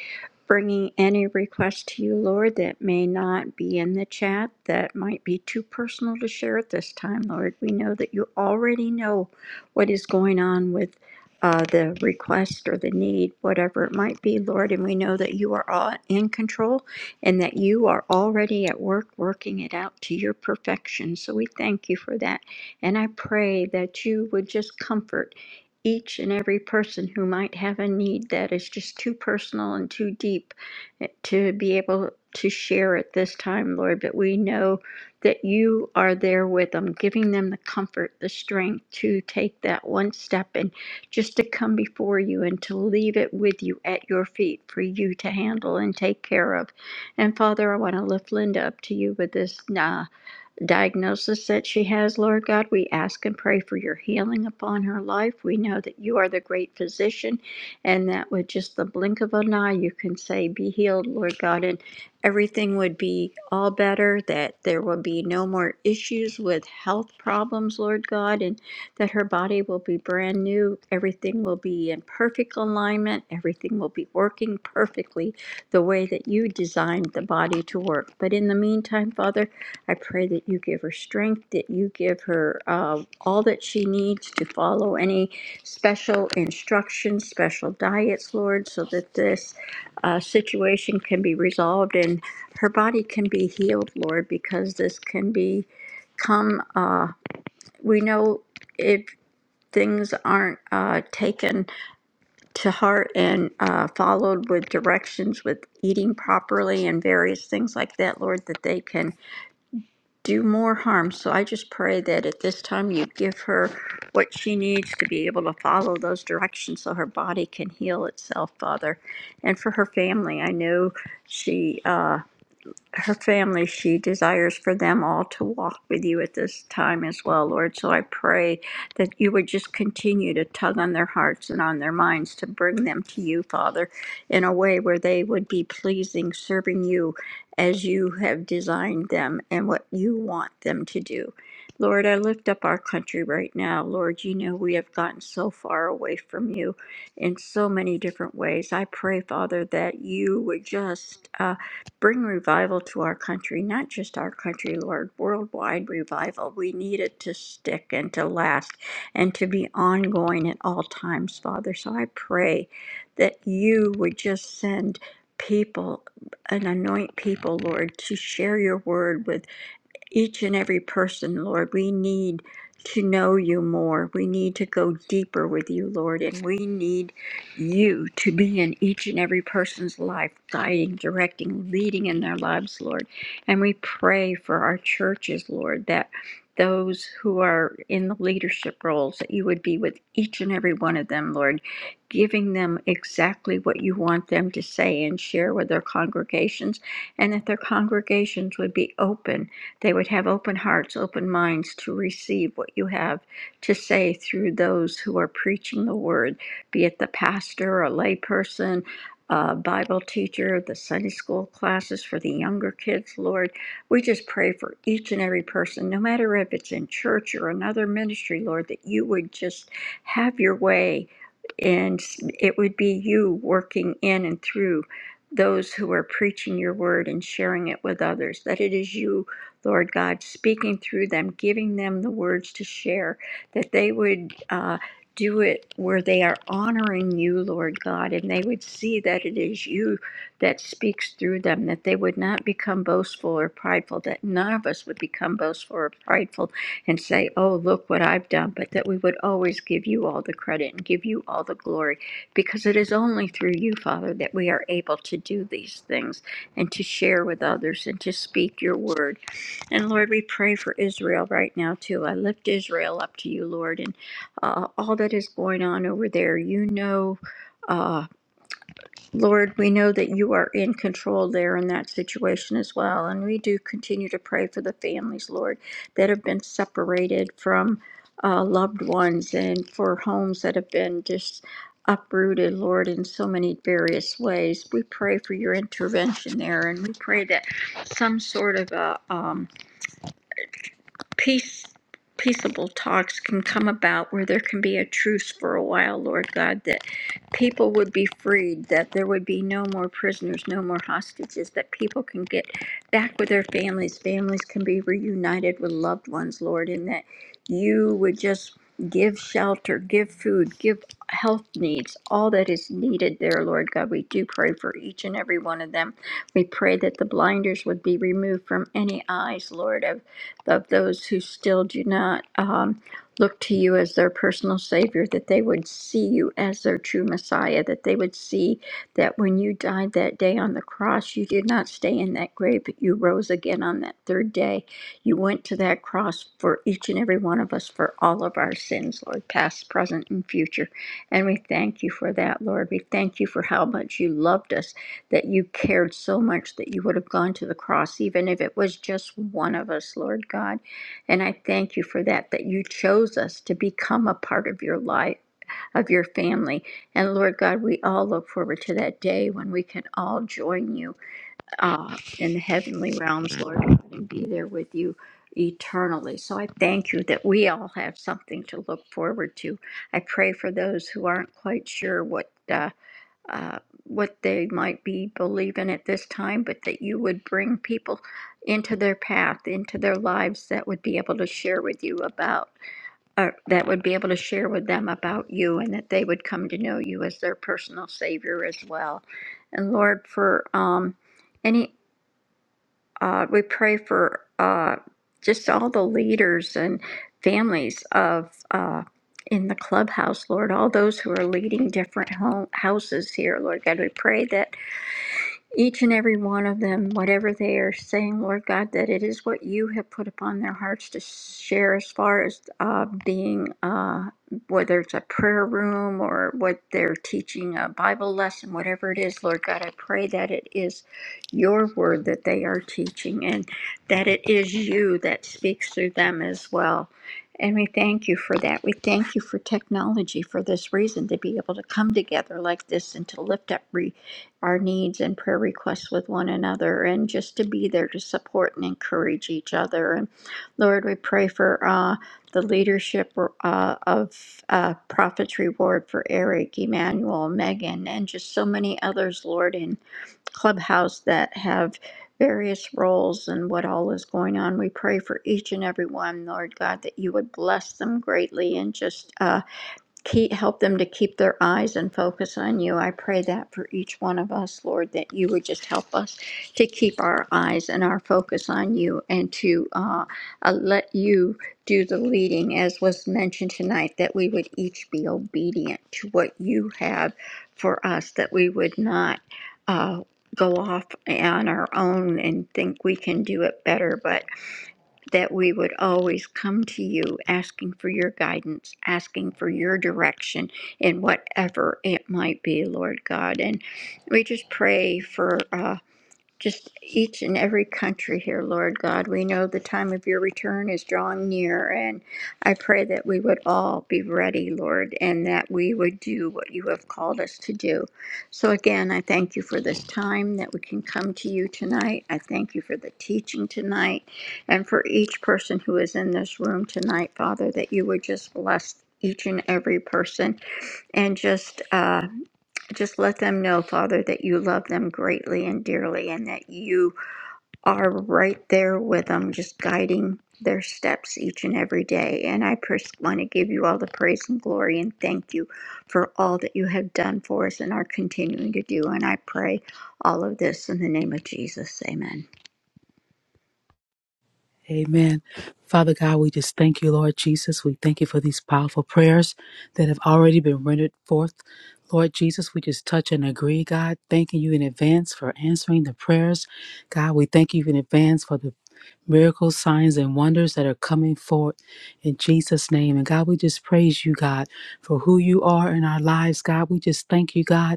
bringing any request to you, Lord, that may not be in the chat, that might be too personal to share at this time, Lord. We know that you already know what is going on with uh, the request or the need, whatever it might be, Lord. And we know that you are all in control and that you are already at work working it out to your perfection. So we thank you for that. And I pray that you would just comfort each and every person who might have a need that is just too personal and too deep eh, to be able to share at this time, Lord. But we know that you are there with them, giving them the comfort, the strength to take that one step and just to come before you and to leave it with you at your feet for you to handle and take care of. And Father, I want to lift Linda up to you with this. uh, diagnosis that she has, Lord God. We ask and pray for your healing upon her life. We know that you are the great physician, and that with just the blink of an eye, you can say, Be healed, Lord God, and everything would be all better, that there will be no more issues with health problems, Lord God, and that her body will be brand new. Everything will be in perfect alignment, everything will be working perfectly the way that you designed the body to work. But in the meantime, Father, I pray that you give her strength, that you give her uh, all that she needs to follow any special instructions, special diets, Lord, so that this uh, situation can be resolved and her body can be healed, Lord, because this can be come. Uh, we know if things aren't uh, taken to heart and uh, followed with directions with eating properly and various things like that, Lord, that they can do more harm. So I just pray that at this time you give her what she needs to be able to follow those directions so her body can heal itself, Father. And for her family, I know she. Uh, her family, she desires for them all to walk with you at this time as well, Lord. So I pray that you would just continue to tug on their hearts and on their minds to bring them to you, Father, in a way where they would be pleasing, serving you as you have designed them and what you want them to do. Lord, I lift up our country right now. Lord, you know we have gotten so far away from you in so many different ways. I pray, Father, that you would just. Bring revival to our country, not just our country, Lord, worldwide revival. We need it to stick and to last and to be ongoing at all times, Father. So I pray that you would just send people and anoint people, Lord, to share your word with each and every person, Lord. We need to know you more. We need to go deeper with you, Lord. And we need you to be in each and every person's life, guiding, directing, leading in their lives, Lord. And we pray for our churches, Lord, that those who are in the leadership roles, that you would be with each and every one of them, Lord, giving them exactly what you want them to say and share with their congregations, and that their congregations would be open they would have open hearts, open minds to receive what you have to say through those who are preaching the word, be it the pastor, a layperson, a Bible teacher, the Sunday school classes for the younger kids, Lord. We just pray for each and every person, no matter if it's in church or another ministry, Lord, that you would just have your way and it would be you working in and through those who are preaching your word and sharing it with others, that it is you Lord God, speaking through them, giving them the words to share, that they would uh, do it where they are honoring you, Lord God, and they would see that it is you that speaks through them, that they would not become boastful or prideful, that none of us would become boastful or prideful and say, Oh, look what I've done, but that we would always give you all the credit and give you all the glory, because it is only through you, Father, that we are able to do these things and to share with others and to speak your word. And Lord, we pray for Israel right now too. I lift Israel up to you, Lord, and uh, all that is going on over there. You know, uh, Lord, we know that you are in control there in that situation as well. And we do continue to pray for the families, Lord, that have been separated from uh, loved ones and for homes that have been just uprooted, Lord, in so many various ways. We pray for your intervention there, and we pray that some sort of a um, peace peaceable talks can come about where there can be a truce for a while lord god that people would be freed that there would be no more prisoners no more hostages that people can get back with their families families can be reunited with loved ones lord and that you would just give shelter give food give health needs all that is needed there lord god we do pray for each and every one of them we pray that the blinders would be removed from any eyes lord of of those who still do not um, look to you as their personal Savior, that they would see you as their true Messiah, that they would see that when you died that day on the cross, you did not stay in that grave, but you rose again on that third day. You went to that cross for each and every one of us for all of our sins, Lord, past, present, and future. And we thank you for that, Lord. We thank you for how much you loved us that you cared so much that you would have gone to the cross, even if it was just one of us, Lord God. And I thank you for that, that you chose us to become a part of your life, of your family. And Lord God, we all look forward to that day when we can all join you uh, in the heavenly realms, Lord God, and be there with you eternally. So I thank you that we all have something to look forward to. I pray for those who aren't quite sure what. Uh, uh, what they might be believing at this time, but that you would bring people into their path, into their lives that would be able to share with you about, or that would be able to share with them about you, and that they would come to know you as their personal Savior as well. And Lord, for um, any, uh, we pray for uh, just all the leaders and families of. Uh, in the clubhouse, Lord, all those who are leading different home, houses here, Lord God, we pray that each and every one of them, whatever they are saying, Lord God, that it is what you have put upon their hearts to share as far as uh, being, uh, whether it's a prayer room or what they're teaching, a Bible lesson, whatever it is, Lord God, I pray that it is your word that they are teaching and that it is you that speaks through them as well. And we thank you for that. We thank you for technology for this reason to be able to come together like this and to lift up our needs and prayer requests with one another and just to be there to support and encourage each other. And Lord, we pray for uh, the leadership uh, of uh, Prophet's Reward for Eric, Emmanuel, Megan, and just so many others, Lord, in Clubhouse that have various roles and what all is going on. We pray for each and every one, Lord God, that you would bless them greatly and just. Uh, keep, help them to keep their eyes and focus on you. I pray that for each one of us, Lord, that you would just help us to keep our eyes and our focus on you and to uh, uh, let you do the leading, as was mentioned tonight, that we would each be obedient to what you have for us, that we would not. Uh, Go off on our own and think we can do it better, but that we would always come to you asking for your guidance, asking for your direction in whatever it might be, Lord God. And we just pray for. Uh, just each and every country here, Lord God. We know the time of your return is drawing near, and I pray that we would all be ready, Lord, and that we would do what you have called us to do. So, again, I thank you for this time that we can come to you tonight. I thank you for the teaching tonight, and for each person who is in this room tonight, Father, that you would just bless each and every person and just. uh, just let them know, Father, that you love them greatly and dearly and that you are right there with them, just guiding their steps each and every day. And I just want to give you all the praise and glory and thank you for all that you have done for us and are continuing to do. And I pray all of this in the name of Jesus. Amen. Amen. Father God, we just thank you, Lord Jesus. We thank you for these powerful prayers that have already been rendered forth. Lord Jesus, we just touch and agree, God, thanking you in advance for answering the prayers. God, we thank you in advance for the miracles, signs, and wonders that are coming forth in Jesus' name. And God, we just praise you, God, for who you are in our lives, God. We just thank you, God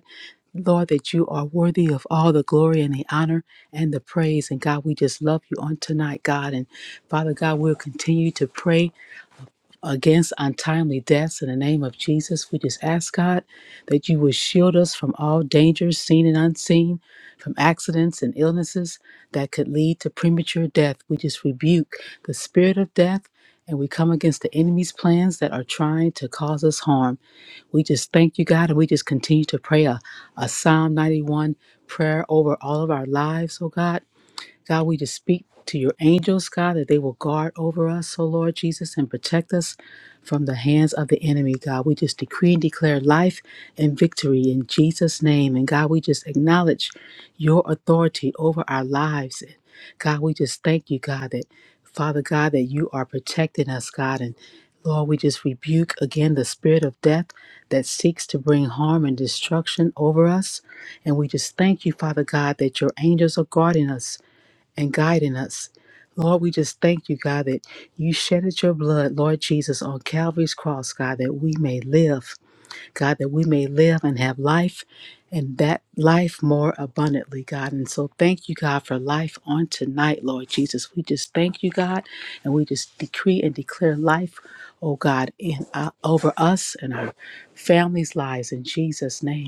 Lord, that you are worthy of all the glory and the honor and the praise. And God, we just love you on tonight, God. And Father God, we'll continue to pray against untimely deaths in the name of Jesus. We just ask, God, that you will shield us from all dangers, seen and unseen, from accidents and illnesses that could lead to premature death. We just rebuke the spirit of death and we come against the enemy's plans that are trying to cause us harm. We just thank you, God, and we just continue to pray a, a Psalm 91 prayer over all of our lives, oh God. God, we just speak to your angels, God, that they will guard over us, O Lord Jesus, and protect us from the hands of the enemy, God. We just decree and declare life and victory in Jesus' name. And God, we just acknowledge your authority over our lives. And God, we just thank you, God, that Father God, that you are protecting us, God. And Lord, we just rebuke again the spirit of death that seeks to bring harm and destruction over us. And we just thank you, Father God, that your angels are guarding us and guiding us. Lord, we just thank you, God, that you shedded your blood, Lord Jesus, on Calvary's cross, God, that we may live, God, that we may live and have life and that life more abundantly, God. And so thank you, God, for life on tonight, Lord Jesus. We just thank you, God, and we just decree and declare life, oh God, in, uh, over us and our families' lives in Jesus' name.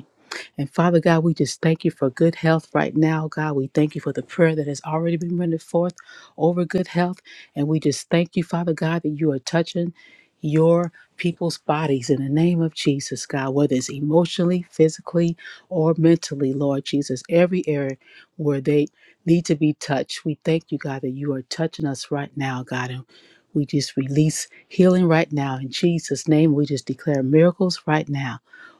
And Father God, we just thank you for good health right now, God. We thank you for the prayer that has already been rendered forth over good health. And we just thank you, Father God, that you are touching your people's bodies in the name of Jesus, God, whether it's emotionally, physically, or mentally, Lord Jesus, every area where they need to be touched. We thank you, God, that you are touching us right now, God. And we just release healing right now in Jesus' name. We just declare miracles right now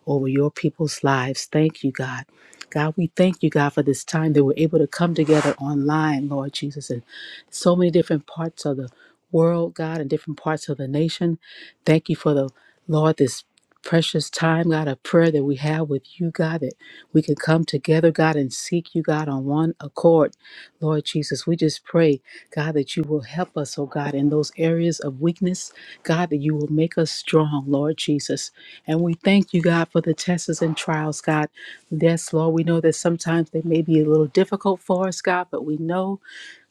over your people's lives. Thank you, God. God, we thank you, God, for this time that we're able to come together online, Lord Jesus, in so many different parts of the world, God, and different parts of the nation. Thank you for the Lord, this precious time, God, of prayer that we have with you, God, that we can come together, God, and seek you, God, on one accord. Lord Jesus, we just pray, God, that you will help us, oh God, in those areas of weakness, God, that you will make us strong, Lord Jesus. And we thank you, God, for the tests and trials, God. Yes, Lord, we know that sometimes they may be a little difficult for us, God, but we know,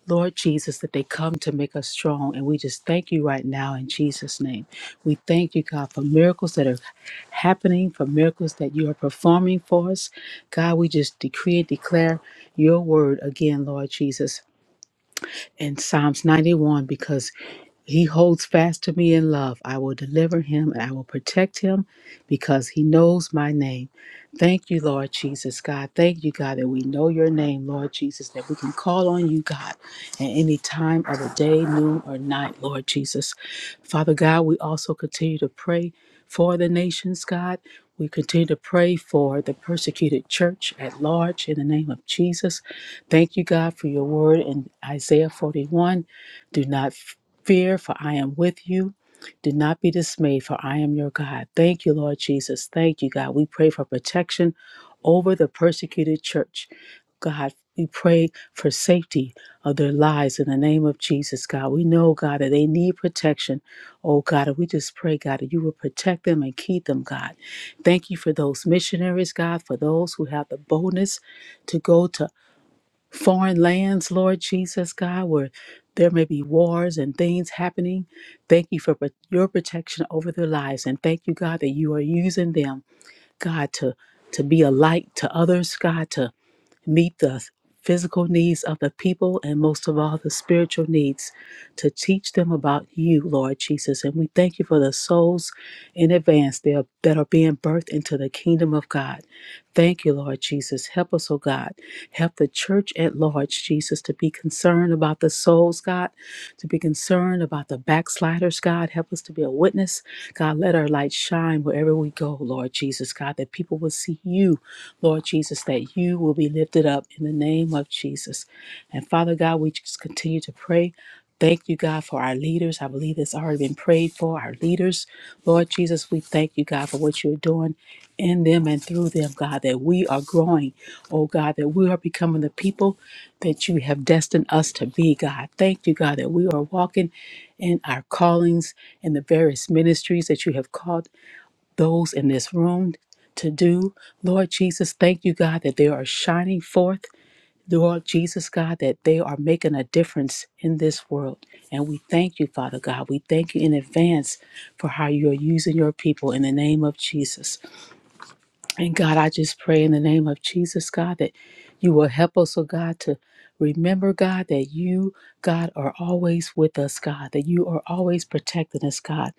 Lord Jesus, that they come to make us strong. And we just thank you right now in Jesus' name. We thank you, God, for miracles that are happening, for miracles that you are performing for us. God, we just decree and declare your word again, Lord Jesus, in Psalms 91, because he holds fast to me in love. I will deliver him and I will protect him because he knows my name. Thank you, Lord Jesus, God. Thank you, God, that we know your name, Lord Jesus, that we can call on you, God, at any time of the day, noon, or night, Lord Jesus. Father God, we also continue to pray for the nations, God. We continue to pray for the persecuted church at large in the name of Jesus. Thank you, God, for your word in Isaiah 41. Do not fear, for I am with you. Do not be dismayed, for I am your God. Thank you, Lord Jesus. Thank you, God. We pray for protection over the persecuted church. God, we pray for safety of their lives in the name of Jesus, God. We know, God, that they need protection. Oh, God, and we just pray, God, that you will protect them and keep them, God. Thank you for those missionaries, God, for those who have the boldness to go to foreign lands, Lord Jesus, God, where there may be wars and things happening. Thank you for pro- your protection over their lives. And thank you, God, that you are using them, God, to, to be a light to others, God, to meet the physical needs of the people and most of all the spiritual needs to teach them about you, Lord Jesus. And we thank you for the souls in advance that are, that are being birthed into the kingdom of God. Thank you, Lord Jesus. Help us, oh God. Help the church at large, Jesus, to be concerned about the souls, God, to be concerned about the backsliders, God. Help us to be a witness. God, let our light shine wherever we go, Lord Jesus, God, that people will see you Lord Jesus, that you will be lifted up in the name of Jesus. And Father God, we just continue to pray. Thank you, God, for our leaders. I believe it's already been prayed for our leaders. Lord Jesus, we thank you, God, for what you're doing in them and through them, God, that we are growing, oh God, that we are becoming the people that you have destined us to be, God. Thank you, God, that we are walking in our callings and the various ministries that you have called those in this room to do. Lord Jesus, thank you, God, that they are shining forth. Lord Jesus, God, that they are making a difference in this world. And we thank you, Father God. We thank you in advance for how you're using your people in the name of Jesus. And God, I just pray in the name of Jesus, God, that you will help us, oh God, to remember, God, that you, God, are always with us, God, that you are always protecting us, God.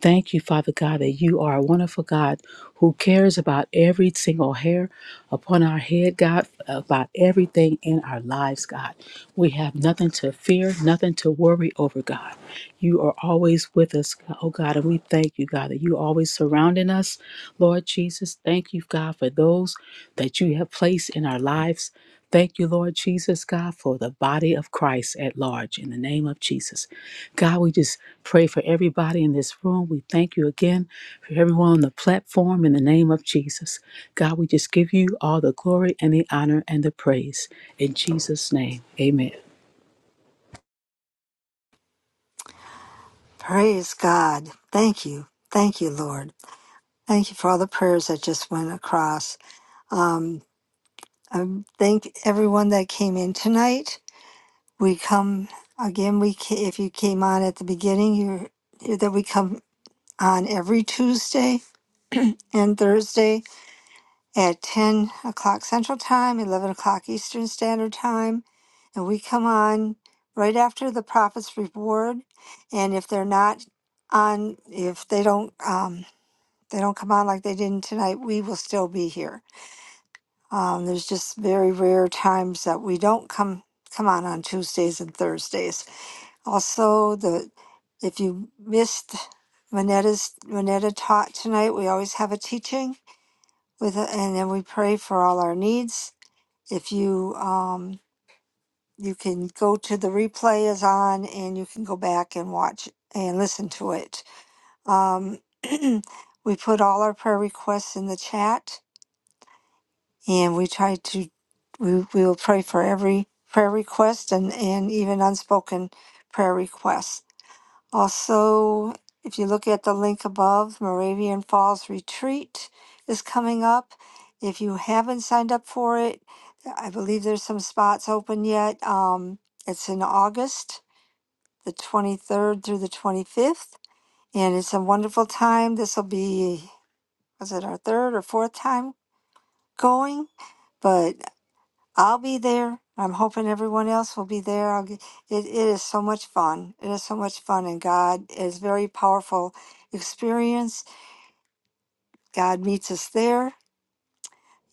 Thank you, Father God, that you are a wonderful God who cares about every single hair upon our head, God, about everything in our lives, God. We have nothing to fear, nothing to worry over, God. You are always with us, oh God, and we thank you, God, that you are always surrounding us, Lord Jesus. Thank you, God, for those that you have placed in our lives. Thank you, Lord Jesus, God, for the body of Christ at large in the name of Jesus. God, we just pray for everybody in this room. We thank you again for everyone on the platform in the name of Jesus. God, we just give you all the glory and the honor and the praise. In Jesus' name, amen. Praise God. Thank you. Thank you, Lord. Thank you for all the prayers that just went across. Um, I thank everyone that came in tonight. We come again. We ca- if you came on at the beginning, you are that we come on every Tuesday and Thursday at ten o'clock Central Time, eleven o'clock Eastern Standard Time. And we come on right after the prophet's reward. And if they're not on, if they don't, um, they don't come on like they didn't tonight, we will still be here. Um, there's just very rare times that we don't come come on on Tuesdays and Thursdays. Also, the if you missed Manetta's Manetta taught tonight, we always have a teaching with, a, and then we pray for all our needs. If you um, you can go to the replay is on and you can go back and watch and listen to it um, we put all our prayer requests in the chat and we try to we, we will pray for every prayer request and and even unspoken prayer requests also if you look at the link above moravian falls retreat is coming up if you haven't signed up for it i believe there's some spots open yet um, it's in august the 23rd through the 25th. And it's a wonderful time. This will be, was it our third or fourth time going? But I'll be there. I'm hoping everyone else will be there. I'll get, it, it is so much fun. It is so much fun. And God is very powerful experience. God meets us there.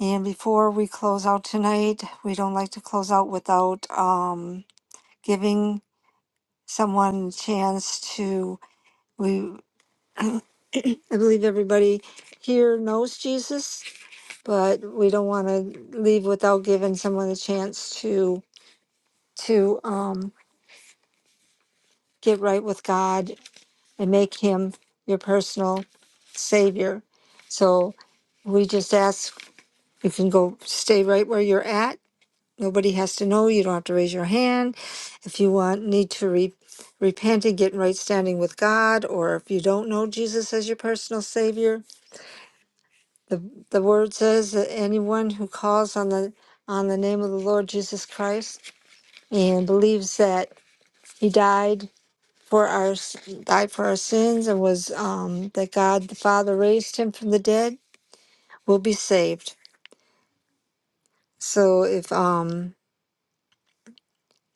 And before we close out tonight, we don't like to close out without um, giving someone a chance to we I believe everybody here knows Jesus, but we don't want to leave without giving someone a chance to to um, get right with God and make Him your personal Savior. So we just ask you can go stay right where you're at. Nobody has to know. You don't have to raise your hand. If you want need to re- repent and get in right standing with God, or if you don't know Jesus as your personal Savior, The, the word says that anyone who calls on the on the name of the Lord Jesus Christ and believes that He died for our s- died for our sins and was um, that God the Father raised Him from the dead will be saved. So if um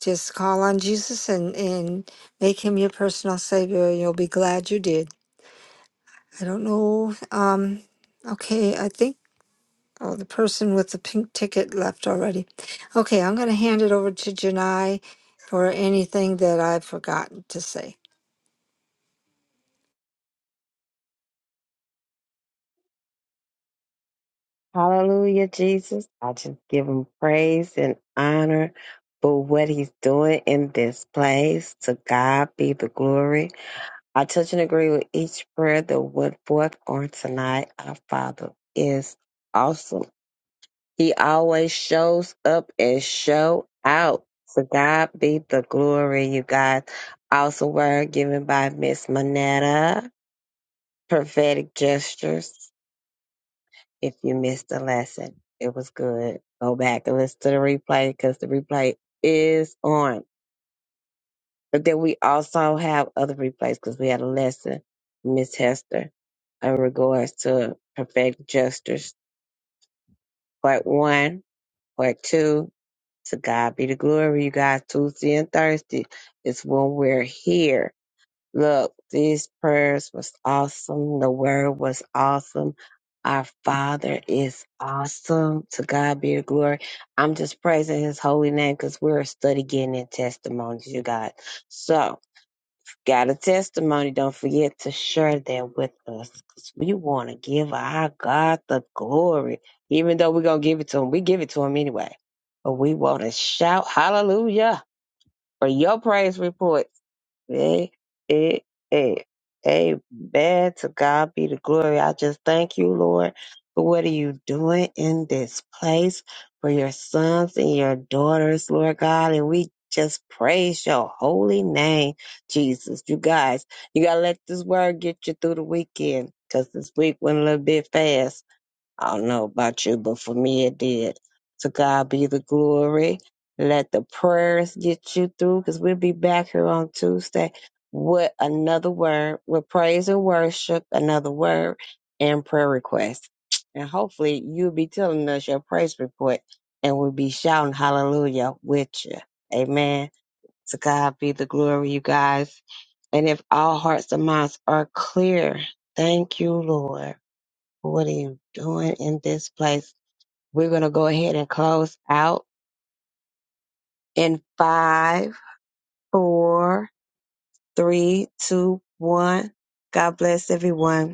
just call on Jesus and and make Him your personal Savior, you'll be glad you did. I don't know. Um, okay, I think. Oh, the person with the pink ticket left already. Okay, I'm going to hand it over to Janai for anything that I've forgotten to say. Hallelujah, Jesus. I just give him praise and honor for what he's doing in this place. To God be the glory. I touch and agree with each prayer that went forth on tonight. Our Father is awesome. He always shows up and show out. So God be the glory, you guys. Also, word given by Miss Manetta. Prophetic gestures. If you missed the lesson, it was good. Go back and listen to the replay because the replay is on. But then we also have other replays because we had a lesson, Miss Hester, in regards to perfect justice. Part one, part two, to God be the glory, you guys, Tuesday and Thursday is when we're here. Look, these prayers was awesome. The word was awesome. Our Father is awesome. To God be the glory. I'm just praising His holy name because we're studying in testimonies, you guys. So, Got a testimony. Don't forget to share that with us 'cause we want to give our God the glory. Even though we're going to give it to him, we give it to him anyway. But we want to shout hallelujah for your praise report. Hey, hey, hey, hey, man, to God be the glory. I just thank you, Lord, for what are you doing in this place for your sons and your daughters, Lord God. And we just praise your holy name, Jesus. You guys, you got to let this word get you through the weekend because this week went a little bit fast. I don't know about you, but for me it did. To God be the glory. Let the prayers get you through because we'll be back here on Tuesday with another word, with praise and worship, another word, and prayer request. And hopefully you'll be telling us your praise report and we'll be shouting hallelujah with you. Amen. To God be the glory, you guys. And if all hearts and minds are clear, thank you, Lord. What are you doing in this place? We're going to go ahead and close out in five, four, three, two, one. God bless everyone.